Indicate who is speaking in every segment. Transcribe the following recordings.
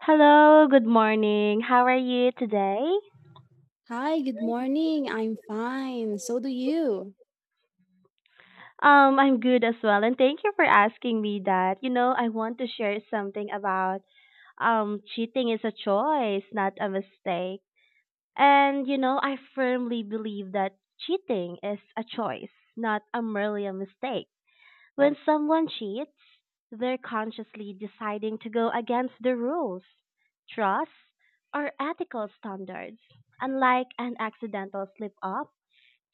Speaker 1: Hello, good morning. How are you today?
Speaker 2: Hi, good morning. I'm fine. So do you.
Speaker 1: I'm good as well, and thank you for asking me that. You know, I want to share something about cheating is a choice, not a mistake. And you know, I firmly believe that cheating is a choice, not a merely a mistake. When someone cheats, they're consciously deciding to go against the rules, trust, or ethical standards, unlike an accidental slip up.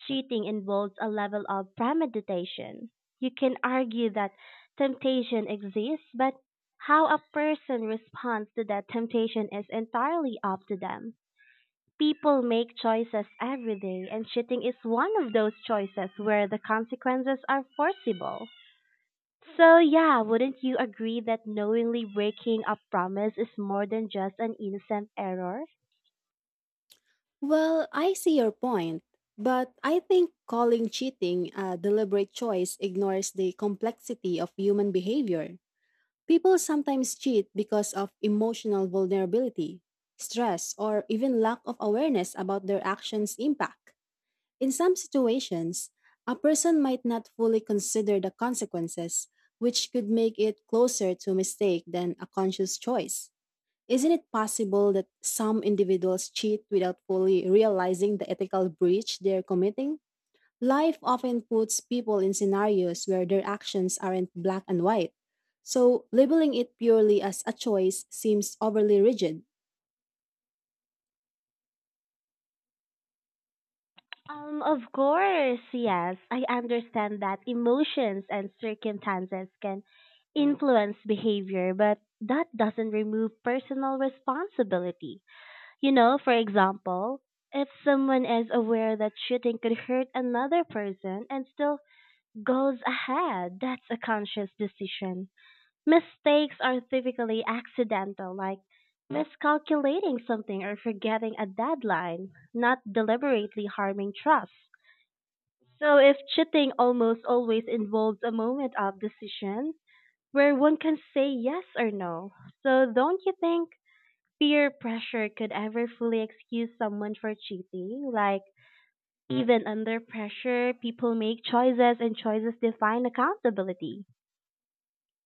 Speaker 1: Cheating involves a level of premeditation. You can argue that temptation exists, but how a person responds to that temptation is entirely up to them. People make choices every day, and cheating is one of those choices where the consequences are foreseeable. So, yeah, wouldn't you agree that knowingly breaking a promise is more than just an innocent error?
Speaker 2: Well, I see your point, but I think calling cheating a deliberate choice ignores the complexity of human behavior. People sometimes cheat because of emotional vulnerability, stress, or even lack of awareness about their actions' impact. In some situations, a person might not fully consider the consequences, which could make it closer to mistake than a conscious choice. Isn't it possible that some individuals cheat without fully realizing the ethical breach they're committing? Life often puts people in scenarios where their actions aren't black and white, so labeling it purely as a choice seems overly rigid.
Speaker 1: Of course, yes. I understand that emotions and circumstances can influence behavior, but that doesn't remove personal responsibility. You know, for example, if someone is aware that shooting could hurt another person and still goes ahead, that's a conscious decision. Mistakes are typically accidental, like miscalculating something or forgetting a deadline, not deliberately harming trust. So if cheating almost always involves a moment of decision where one can say yes or no, so don't you think peer pressure could ever fully excuse someone for cheating? Like even under pressure, people make choices and choices define accountability.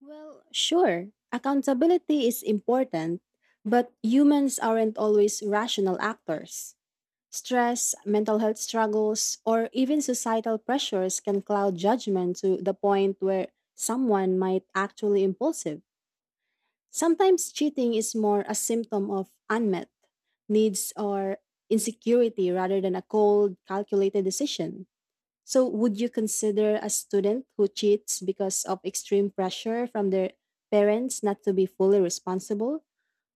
Speaker 2: Well, sure, accountability is important, but humans aren't always rational actors. Stress, mental health struggles, or even societal pressures can cloud judgment to the point where someone might actually impulsive. Sometimes cheating is more a symptom of unmet needs or insecurity rather than a cold, calculated decision. So, would you consider a student who cheats because of extreme pressure from their parents not to be fully responsible?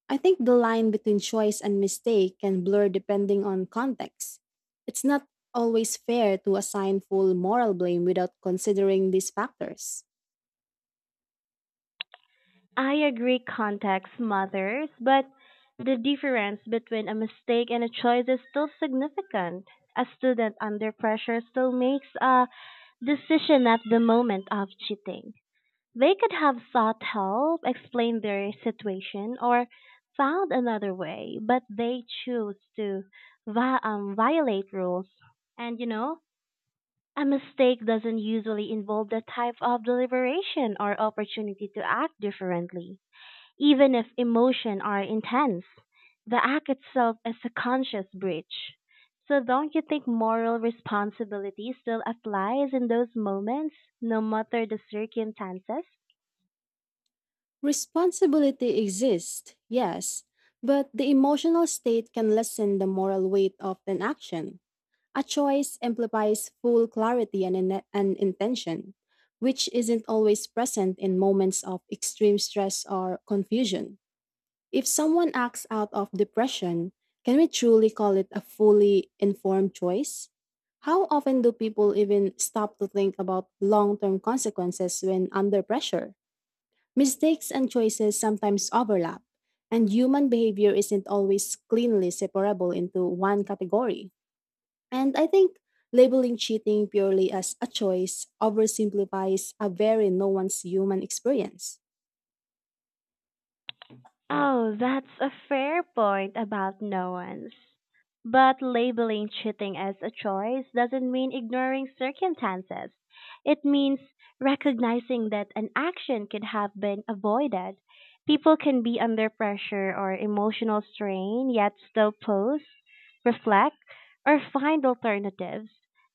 Speaker 2: I think the line between choice and mistake can blur depending on context. It's not always fair to assign full moral blame without considering these factors.
Speaker 1: I agree context matters, but the difference between a mistake and a choice is still significant. A student under pressure still makes a decision at the moment of cheating. They could have sought help, explained their situation, or found another way, but they choose to violate rules. And you know, a mistake doesn't usually involve that type of deliberation or opportunity to act differently. Even if emotion are intense, the act itself is a conscious breach. So don't you think moral responsibility still applies in those moments, no matter the circumstances?
Speaker 2: Responsibility exists, yes, but the emotional state can lessen the moral weight of an action. A choice implies full clarity and intention, which isn't always present in moments of extreme stress or confusion. If someone acts out of depression, can we truly call it a fully informed choice? How often do people even stop to think about long term consequences when under pressure? Mistakes and choices sometimes overlap, and human behavior isn't always cleanly separable into one category. And I think labeling cheating purely as a choice oversimplifies a very nuanced human experience.
Speaker 1: Oh, that's a fair point about nuance. But labeling cheating as a choice doesn't mean ignoring circumstances. It means recognizing that an action could have been avoided. People can be under pressure or emotional strain, yet still pose, reflect, or find alternatives.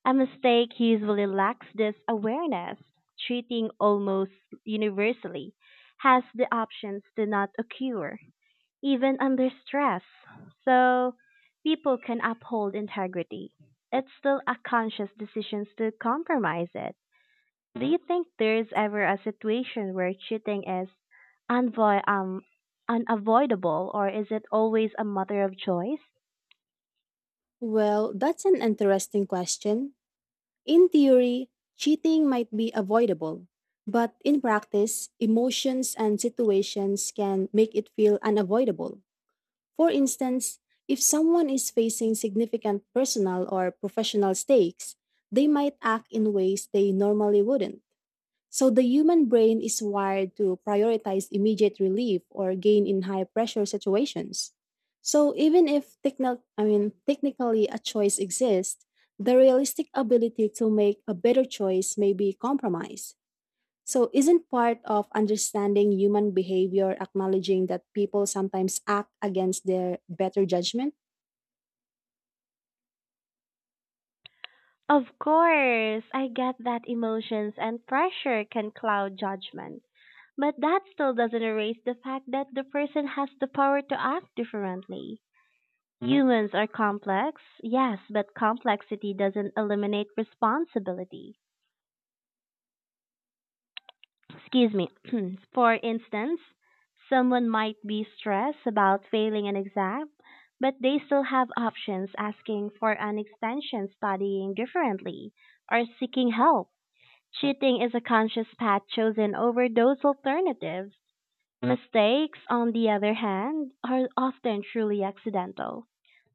Speaker 1: A mistake usually lacks this awareness. Cheating almost universally has the options to not occur even under stress. So people can uphold integrity. It's still a conscious decision to compromise it. Do you think there's ever a situation where cheating is unvo- um, unavoidable, or is it always a matter of choice?
Speaker 2: Well, that's an interesting question. In theory, cheating might be avoidable, but in practice, emotions and situations can make it feel unavoidable. For instance, if someone is facing significant personal or professional stakes, they might act in ways they normally wouldn't. So the human brain is wired to prioritize immediate relief or gain in high pressure situations. So even if technically a choice exists, the realistic ability to make a better choice may be compromised. So isn't part of understanding human behavior acknowledging that people sometimes act against their better judgment?
Speaker 1: Of course, I get that emotions and pressure can cloud judgment, but that still doesn't erase the fact that the person has the power to act differently. Humans are complex, yes, but complexity doesn't eliminate responsibility. Excuse me. For instance, someone might be stressed about failing an exam, but they still have options asking for an extension, studying differently, or seeking help. Cheating is a conscious path chosen over those alternatives. Mistakes, on the other hand, are often truly accidental,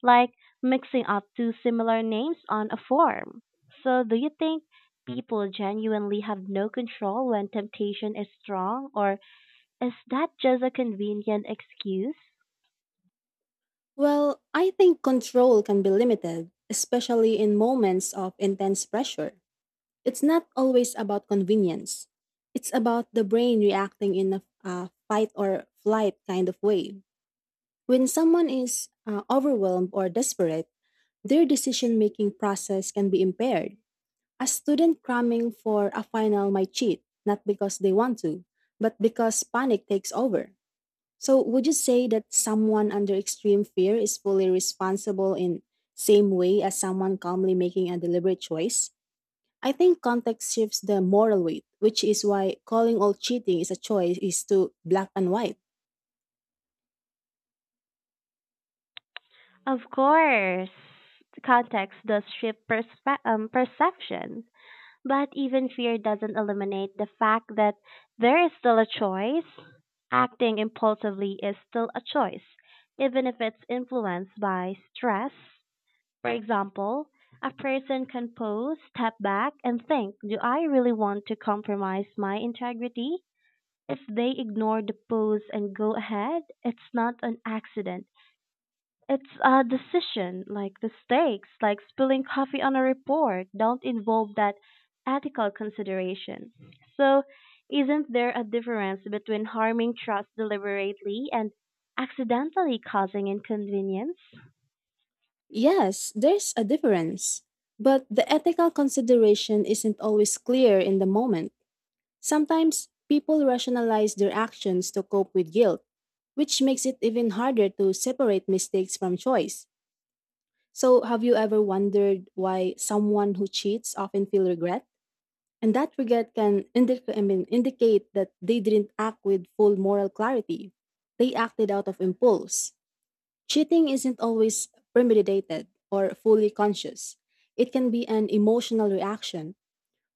Speaker 1: like mixing up two similar names on a form. So, do you think people genuinely have no control when temptation is strong, or is that just a convenient excuse?
Speaker 2: Well, I think control can be limited, especially in moments of intense pressure. It's not always about convenience. It's about the brain reacting in a fight or flight kind of way. When someone is overwhelmed or desperate, their decision making process can be impaired. A student cramming for a final might cheat, not because they want to, but because panic takes over. So, would you say that someone under extreme fear is fully responsible in same way as someone calmly making a deliberate choice? I think context shifts the moral weight, which is why calling all cheating is a choice is too black and white.
Speaker 1: Of course, context does shape perception. But even fear doesn't eliminate the fact that there is still a choice. Acting impulsively is still a choice, even if it's influenced by stress. For example, a person can pause, step back, and think, do I really want to compromise my integrity? If they ignore the pause and go ahead, it's not an accident. It's a decision, like mistakes, like spilling coffee on a report, don't involve that ethical consideration. So, isn't there a difference between harming trust deliberately and accidentally causing inconvenience?
Speaker 2: Yes, there's a difference. But the ethical consideration isn't always clear in the moment. Sometimes people rationalize their actions to cope with guilt, which makes it even harder to separate mistakes from choice. So, have you ever wondered why someone who cheats often feel regret? And that regret can indicate that they didn't act with full moral clarity. They acted out of impulse. Cheating isn't always premeditated or fully conscious, it can be an emotional reaction.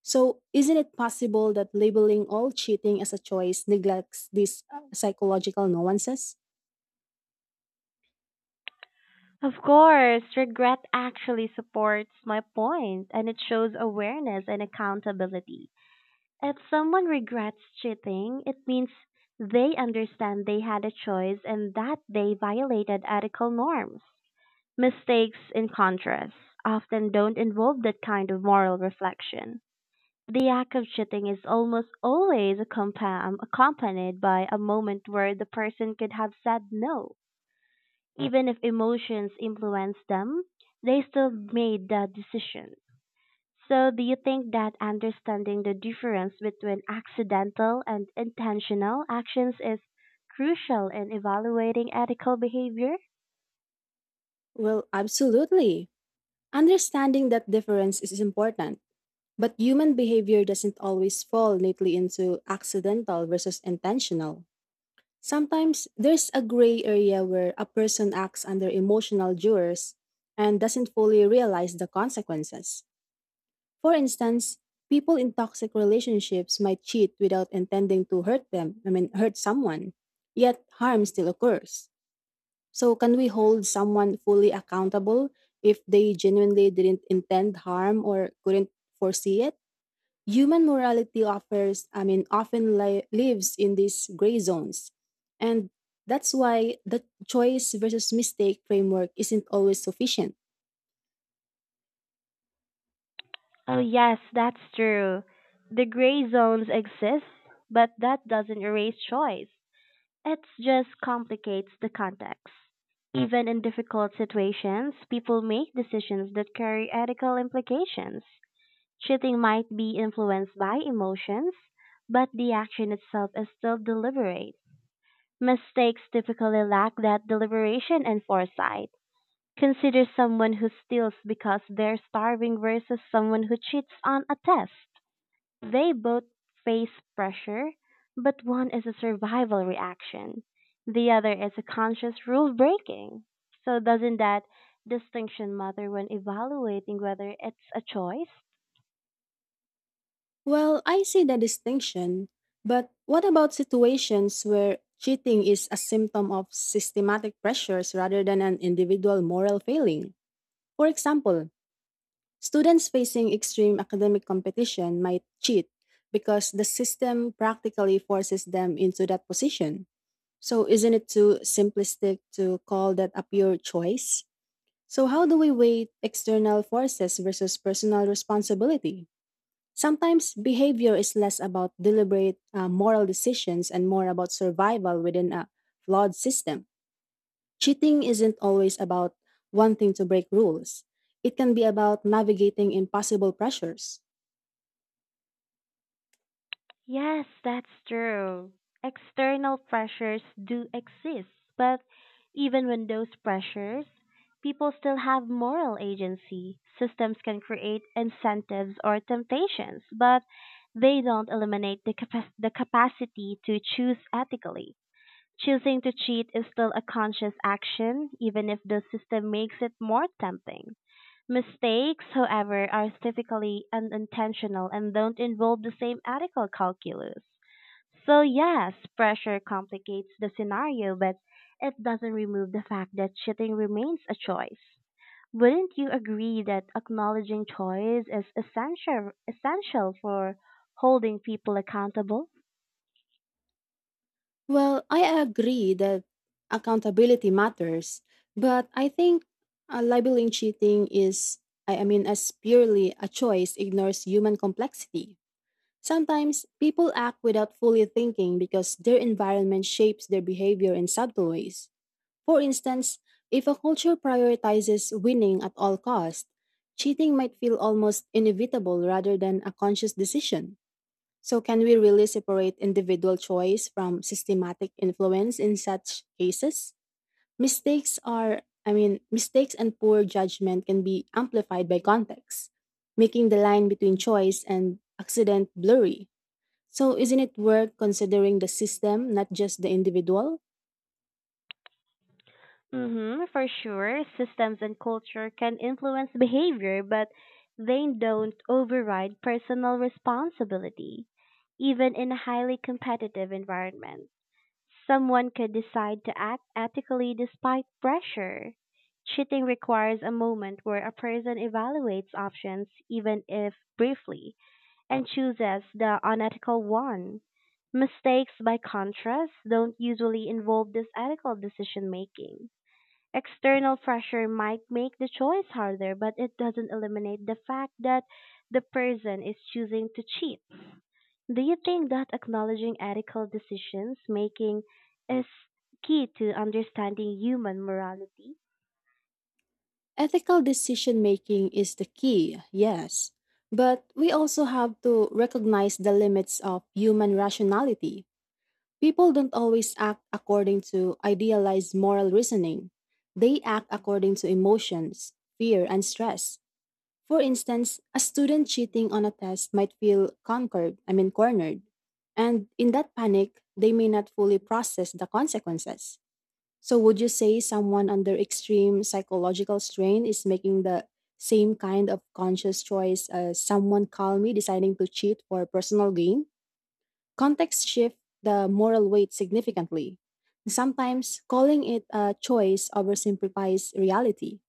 Speaker 2: So, isn't it possible that labeling all cheating as a choice neglects these psychological nuances?
Speaker 1: Of course, regret actually supports my point and it shows awareness and accountability. If someone regrets cheating, it means they understand they had a choice and that they violated ethical norms. Mistakes, in contrast, often don't involve that kind of moral reflection. The act of cheating is almost always accompanied by a moment where the person could have said no. Even if emotions influence them, they still made that decision. So, do you think that understanding the difference between accidental and intentional actions is crucial in evaluating ethical behavior?
Speaker 2: Well, absolutely. Understanding that difference is important, but human behavior doesn't always fall neatly into accidental versus intentional. Sometimes there's a gray area where a person acts under emotional duress and doesn't fully realize the consequences. For instance, people in toxic relationships might cheat without intending to hurt them, I mean, hurt someone, yet harm still occurs. So, can we hold someone fully accountable if they genuinely didn't intend harm or couldn't foresee it? Human morality offers, I mean, often li- lives in these gray zones. And that's why the choice versus mistake framework isn't always sufficient.
Speaker 1: Oh, yes, that's true. The gray zones exist, but that doesn't erase choice. It just complicates the context. Even in difficult situations, people make decisions that carry ethical implications. Cheating might be influenced by emotions, but the action itself is still deliberate. Mistakes typically lack that deliberation and foresight. Consider someone who steals because they're starving versus someone who cheats on a test. They both face pressure, but one is a survival reaction, the other is a conscious rule breaking. So, doesn't that distinction matter when evaluating whether it's a choice?
Speaker 2: Well, I see the distinction, but what about situations where cheating is a symptom of systematic pressures rather than an individual moral failing? For example, students facing extreme academic competition might cheat because the system practically forces them into that position. So isn't it too simplistic to call that a pure choice? So how do we weigh external forces versus personal responsibility? Sometimes behavior is less about deliberate moral decisions and more about survival within a flawed system. Cheating isn't always about wanting to break rules. It can be about navigating impossible pressures.
Speaker 1: Yes, that's true. External pressures do exist, but even when those pressures, people still have moral agency. Systems can create incentives or temptations, but they don't eliminate the capacity to choose ethically. Choosing to cheat is still a conscious action, even if the system makes it more tempting. Mistakes, however, are typically unintentional and don't involve the same ethical calculus. So, yes, pressure complicates the scenario, but it doesn't remove the fact that cheating remains a choice. Wouldn't you agree that acknowledging choice is essential for holding people accountable?
Speaker 2: Well, I agree that accountability matters, but I think labeling cheating is, I mean, as purely a choice ignores human complexity. Sometimes people act without fully thinking because their environment shapes their behavior in subtle ways. For instance, if a culture prioritizes winning at all costs, cheating might feel almost inevitable rather than a conscious decision. So, can we really separate individual choice from systematic influence in such cases? Mistakes are, I mean, Mistakes and poor judgment can be amplified by context, making the line between choice and accident blurry. So, isn't it worth considering the system, not just the individual?
Speaker 1: Hmm, for sure, systems and culture can influence behavior, but they don't override personal responsibility. Even in a highly competitive environment, someone could decide to act ethically despite pressure. Cheating requires a moment where a person evaluates options, even if briefly, and chooses the unethical one. Mistakes, by contrast, don't usually involve this ethical decision making. External pressure might make the choice harder, but it doesn't eliminate the fact that the person is choosing to cheat. Do you think that acknowledging ethical decisions making is key to understanding human morality?
Speaker 2: Ethical decision making is the key, yes. But we also have to recognize the limits of human rationality. People don't always act according to idealized moral reasoning. They act according to emotions, fear, and stress. For instance, a student cheating on a test might feel conquered, I mean, cornered. And in that panic, they may not fully process the consequences. So, would you say someone under extreme psychological strain is making the same kind of conscious choice as someone calmly deciding to cheat for personal gain? Context shift the moral weight significantly. Sometimes calling it a choice oversimplifies reality.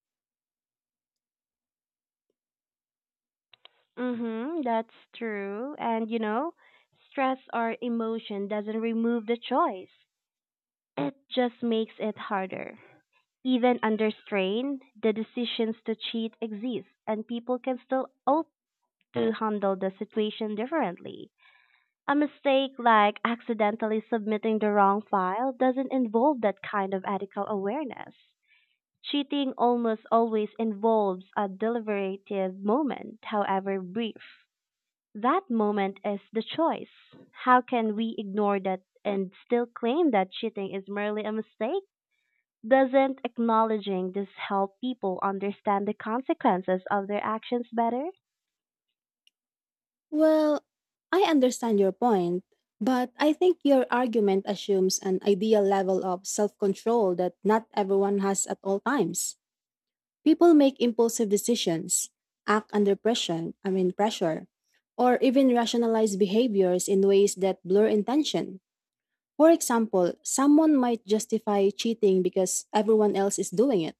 Speaker 1: Mm-hmm, that's true. And you know, stress or emotion doesn't remove the choice. It just makes it harder. Even under strain, the decisions to cheat exist and people can still to handle the situation differently. A mistake like accidentally submitting the wrong file doesn't involve that kind of ethical awareness. Cheating almost always involves a deliberative moment, however brief. That moment is the choice. How can we ignore that and still claim that cheating is merely a mistake? Doesn't acknowledging this help people understand the consequences of their actions better?
Speaker 2: Well, I understand your point, but I think your argument assumes an ideal level of self control that not everyone has at all times. People make impulsive decisions, act under pressure, or even rationalize behaviors in ways that blur intention. For example, someone might justify cheating because everyone else is doing it,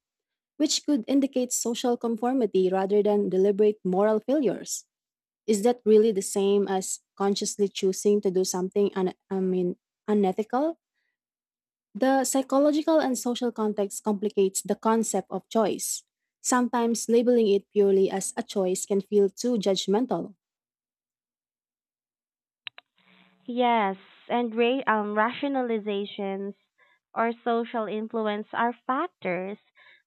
Speaker 2: which could indicate social conformity rather than deliberate moral failures. Is that really the same as consciously choosing to do something unethical? The psychological and social context complicates the concept of choice. Sometimes labeling it purely as a choice can feel too judgmental.
Speaker 1: Yes, and rationalizations or social influence are factors,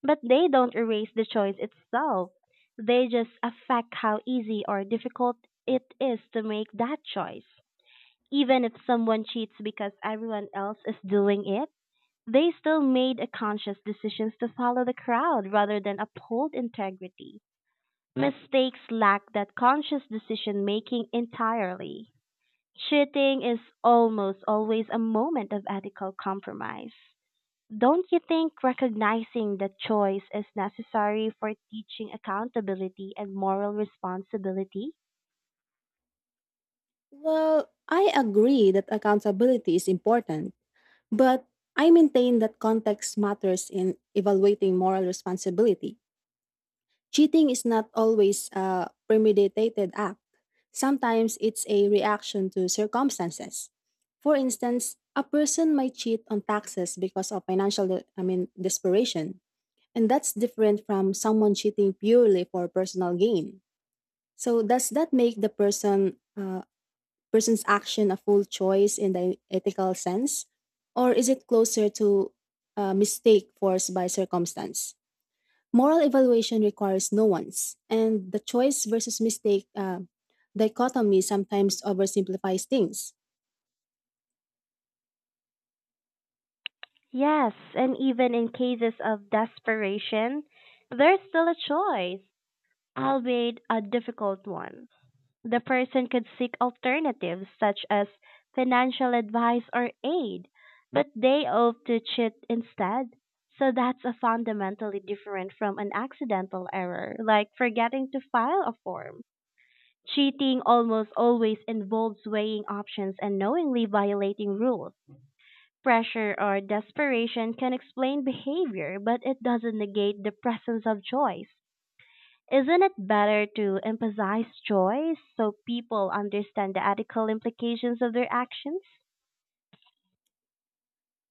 Speaker 1: but they don't erase the choice itself. They just affect how easy or difficult it is to make that choice. Even if someone cheats because everyone else is doing it, they still made a conscious decisions to follow the crowd rather than uphold integrity. Mistakes lack that conscious decision making entirely. Cheating is almost always a moment of ethical compromise. Don't you think recognizing that choice is necessary for teaching accountability and moral responsibility?
Speaker 2: Well, I agree that accountability is important, but I maintain that context matters in evaluating moral responsibility. Cheating is not always a premeditated act, sometimes it's a reaction to circumstances. For instance, a person might cheat on taxes because of financial de- I mean desperation, and that's different from someone cheating purely for personal gain. So does that make the person's action a full choice in the ethical sense, or is it closer to a mistake forced by circumstance? Moral evaluation requires nuance, and the choice versus mistake dichotomy sometimes oversimplifies things.
Speaker 1: Yes, and even in cases of desperation, there's still a choice, albeit a difficult one. The person could seek alternatives such as financial advice or aid, but they opt to cheat instead. So that's a fundamentally different from an accidental error, like forgetting to file a form. Cheating almost always involves weighing options and knowingly violating rules. Pressure or desperation can explain behavior, but it doesn't negate the presence of choice. Isn't it better to emphasize choice so people understand the ethical implications of their actions?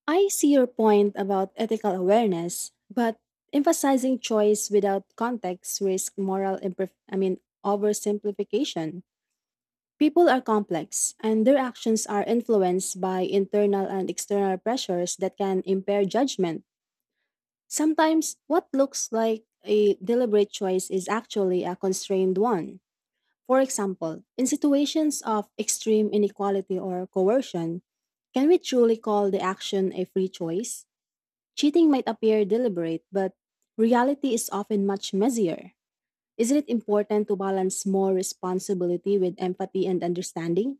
Speaker 2: I see your point about ethical awareness, but emphasizing choice without context risks moral imperf- I mean oversimplification. People are complex, and their actions are influenced by internal and external pressures that can impair judgment. Sometimes, what looks like a deliberate choice is actually a constrained one. For example, in situations of extreme inequality or coercion, can we truly call the action a free choice? Cheating might appear deliberate, but reality is often much messier. Isn't it important to balance more responsibility with empathy and understanding?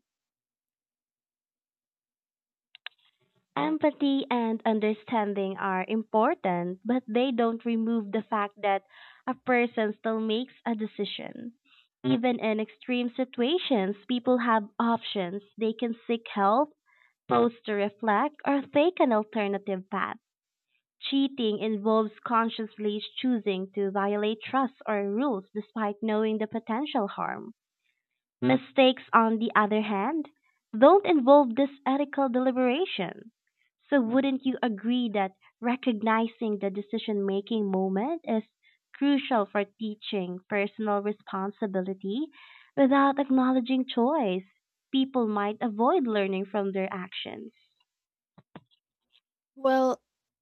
Speaker 1: Empathy and understanding are important, but they don't remove the fact that a person still makes a decision. Even in extreme situations, people have options. They can seek help, pause to reflect, or take an alternative path. Cheating involves consciously choosing to violate trust or rules despite knowing the potential harm. Mistakes, on the other hand, don't involve this ethical deliberation. So, wouldn't you agree that recognizing the decision making moment is crucial for teaching personal responsibility? Without acknowledging choice, people might avoid learning from their actions.
Speaker 2: Well,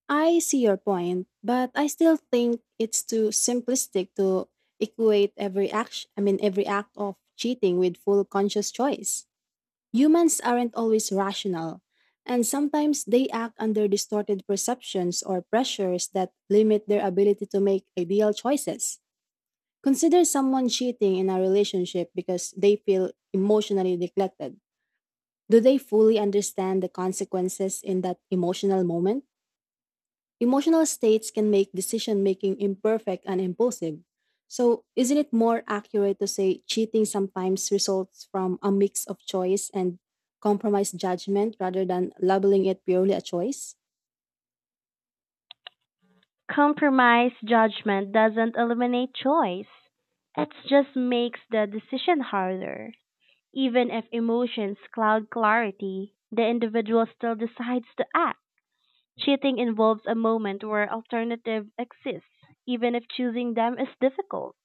Speaker 2: I see your point, but I still think it's too simplistic to equate every act of cheating with full conscious choice. Humans aren't always rational, and sometimes they act under distorted perceptions or pressures that limit their ability to make ideal choices. Consider someone cheating in a relationship because they feel emotionally neglected. Do they fully understand the consequences in that emotional moment? Emotional states can make decision making imperfect and impulsive. So, isn't it more accurate to say cheating sometimes results from a mix of choice and compromised judgment rather than labeling it purely a choice?
Speaker 1: Compromise judgment doesn't eliminate choice. It just makes the decision harder. Even if emotions cloud clarity, the individual still decides to act. Cheating involves a moment where alternative exists, even if choosing them is difficult.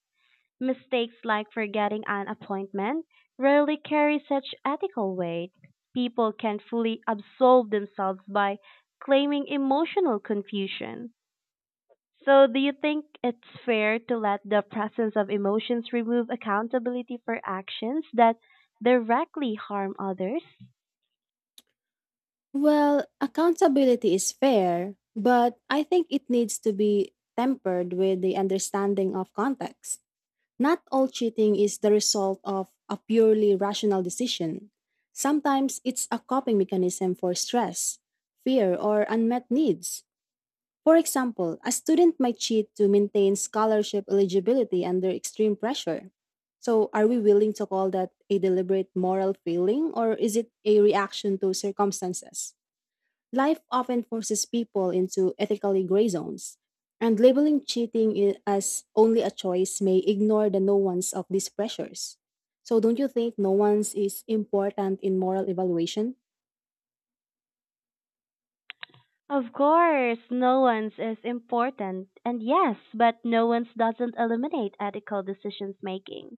Speaker 1: Mistakes like forgetting an appointment rarely carry such ethical weight. People can fully absolve themselves by claiming emotional confusion. So, do you think it's fair to let the presence of emotions remove accountability for actions that directly harm others?
Speaker 2: Well, accountability is fair, but I think it needs to be tempered with the understanding of context. Not all cheating is the result of a purely rational decision. Sometimes it's a coping mechanism for stress, fear, or unmet needs. For example, a student might cheat to maintain scholarship eligibility under extreme pressure. So, are we willing to call that a deliberate moral failing, or is it a reaction to circumstances? Life often forces people into ethically gray zones, and labeling as only a choice may ignore the nuance of these pressures. So, don't you think nuance is important in moral evaluation?
Speaker 1: Of course, no one's is important, and yes, but no one's doesn't eliminate ethical decisions making.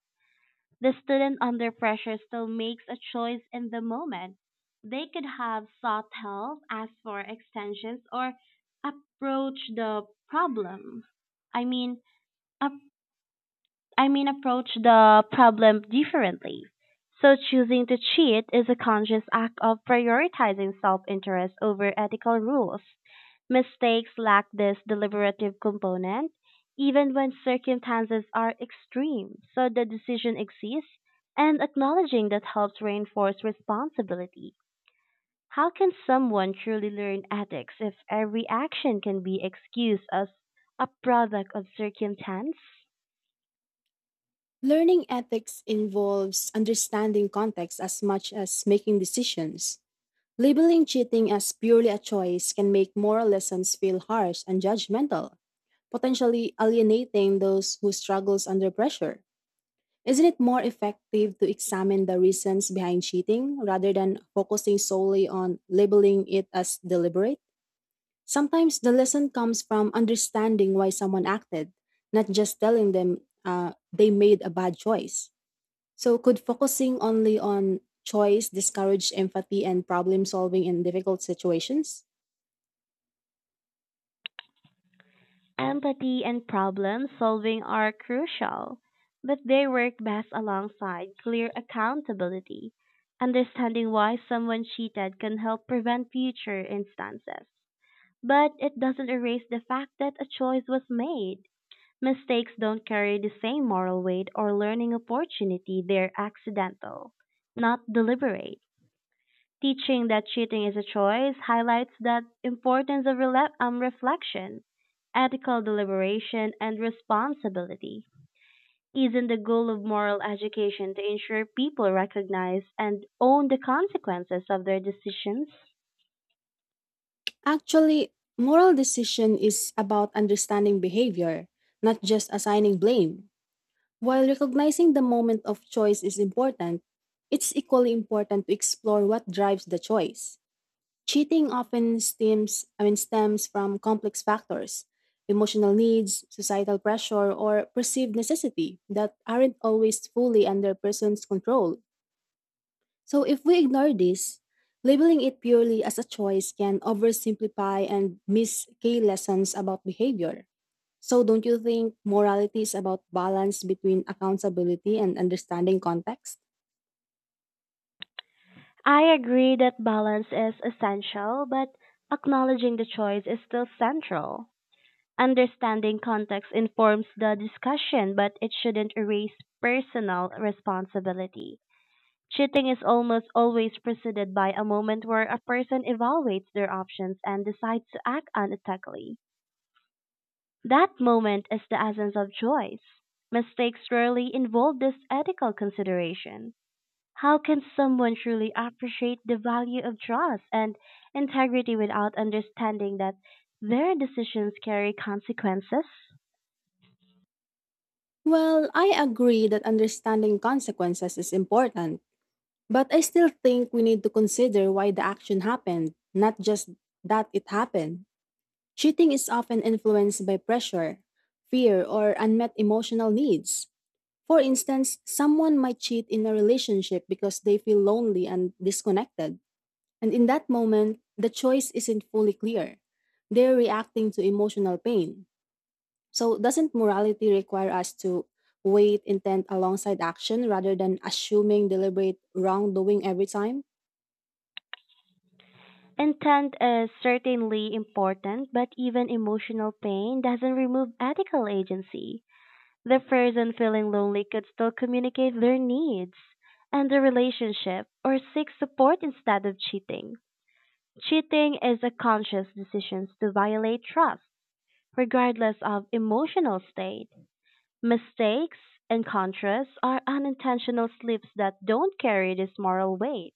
Speaker 1: The student under pressure still makes a choice in the moment. They could have sought help, asked for extensions, or approach the problem. I mean, Approach the problem differently. So choosing to cheat is a conscious act of prioritizing self-interest over ethical rules. Mistakes lack this deliberative component, even when circumstances are extreme, so the decision exists, and acknowledging that helps reinforce responsibility. How can someone truly learn ethics if every action can be excused as a product of circumstance?
Speaker 2: Learning ethics involves understanding context as much as making decisions. Labeling cheating as purely a choice can make moral lessons feel harsh and judgmental, potentially alienating those who struggles under pressure. Isn't it more effective to examine the reasons behind cheating rather than focusing solely on labeling it as deliberate? Sometimes the lesson comes from understanding why someone acted, not just telling them they made a bad choice. So, could focusing only on choice discourage empathy and problem solving in difficult situations?
Speaker 1: Empathy and problem solving are crucial, but they work best alongside clear accountability. Understanding why someone cheated can help prevent future instances, but it doesn't erase the fact that a choice was made. Mistakes don't carry the same moral weight or learning opportunity, they're accidental, not deliberate. Teaching that cheating is a choice highlights the importance of reflection, ethical deliberation, and responsibility. Isn't the goal of moral education to ensure people recognize and own the consequences of their decisions?
Speaker 2: Actually, moral decision is about understanding behavior, not just assigning blame. While recognizing the moment of choice is important, it's equally important to explore what drives the choice. Cheating often stems from complex factors, emotional needs, societal pressure, or perceived necessity that aren't always fully under a person's control. So if we ignore this, labeling it purely as a choice can oversimplify and miss key lessons about behavior. So, don't you think morality is about balance between accountability and understanding context?
Speaker 1: I agree that balance is essential, but acknowledging the choice is still central. Understanding context informs the discussion, but it shouldn't erase personal responsibility. Cheating is almost always preceded by a moment where a person evaluates their options and decides to act unethically. That moment is the essence of choice. Mistakes rarely involve this ethical consideration. How can someone truly appreciate the value of trust and integrity without understanding that their decisions carry consequences?
Speaker 2: Well, I agree that understanding consequences is important, but I still think we need to consider why the action happened, not just that it happened. Cheating is often influenced by pressure, fear, or unmet emotional needs. For instance, someone might cheat in a relationship because they feel lonely and disconnected. And in that moment, the choice isn't fully clear. They're reacting to emotional pain. So, doesn't morality require us to weigh intent alongside action rather than assuming deliberate wrongdoing every time?
Speaker 1: Intent is certainly important, but even emotional pain doesn't remove ethical agency. The person feeling lonely could still communicate their needs and the relationship or seek support instead of cheating. Cheating is a conscious decision to violate trust, regardless of emotional state. Mistakes, in contrast, are unintentional slips that don't carry this moral weight.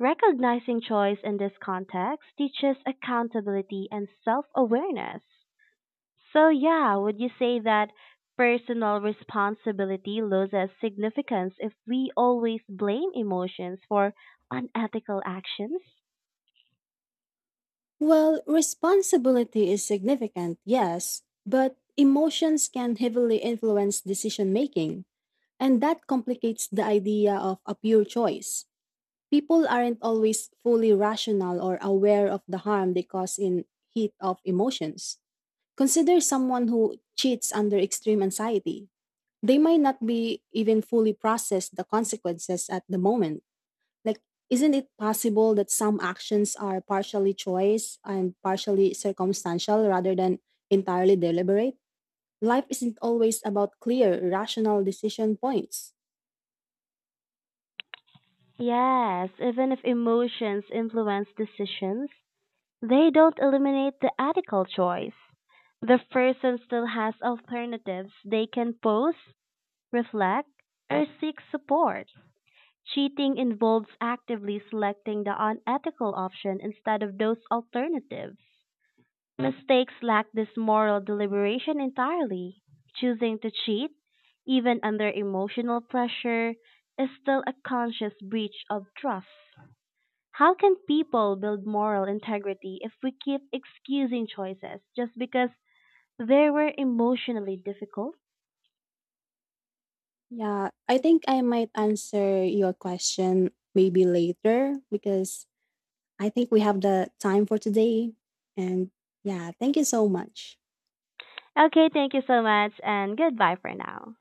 Speaker 1: Recognizing choice in this context teaches accountability and self awareness. So, yeah, would you say that personal responsibility loses significance if we always blame emotions for unethical actions?
Speaker 2: Well, responsibility is significant, yes, but emotions can heavily influence decision making, and that complicates the idea of a pure choice. People aren't always fully rational or aware of the harm they cause in heat of emotions. Consider someone who cheats under extreme anxiety. They might not be even fully process the consequences at the moment. Like, isn't it possible that some actions are partially choice and partially circumstantial rather than entirely deliberate? Life isn't always about clear, rational decision points.
Speaker 1: Yes, even if emotions influence decisions, they don't eliminate the ethical choice. The person still has alternatives they can pose, reflect, or seek support. Cheating involves actively selecting the unethical option instead of those alternatives. Mistakes lack this moral deliberation entirely. Choosing to cheat, even under emotional pressure, is still a conscious breach of trust. How can people build moral integrity if we keep excusing choices just because they were emotionally difficult?
Speaker 2: Yeah, I think I might answer your question maybe later because I think we have the time for today. And yeah, thank you so much.
Speaker 1: Okay, thank you so much and goodbye for now.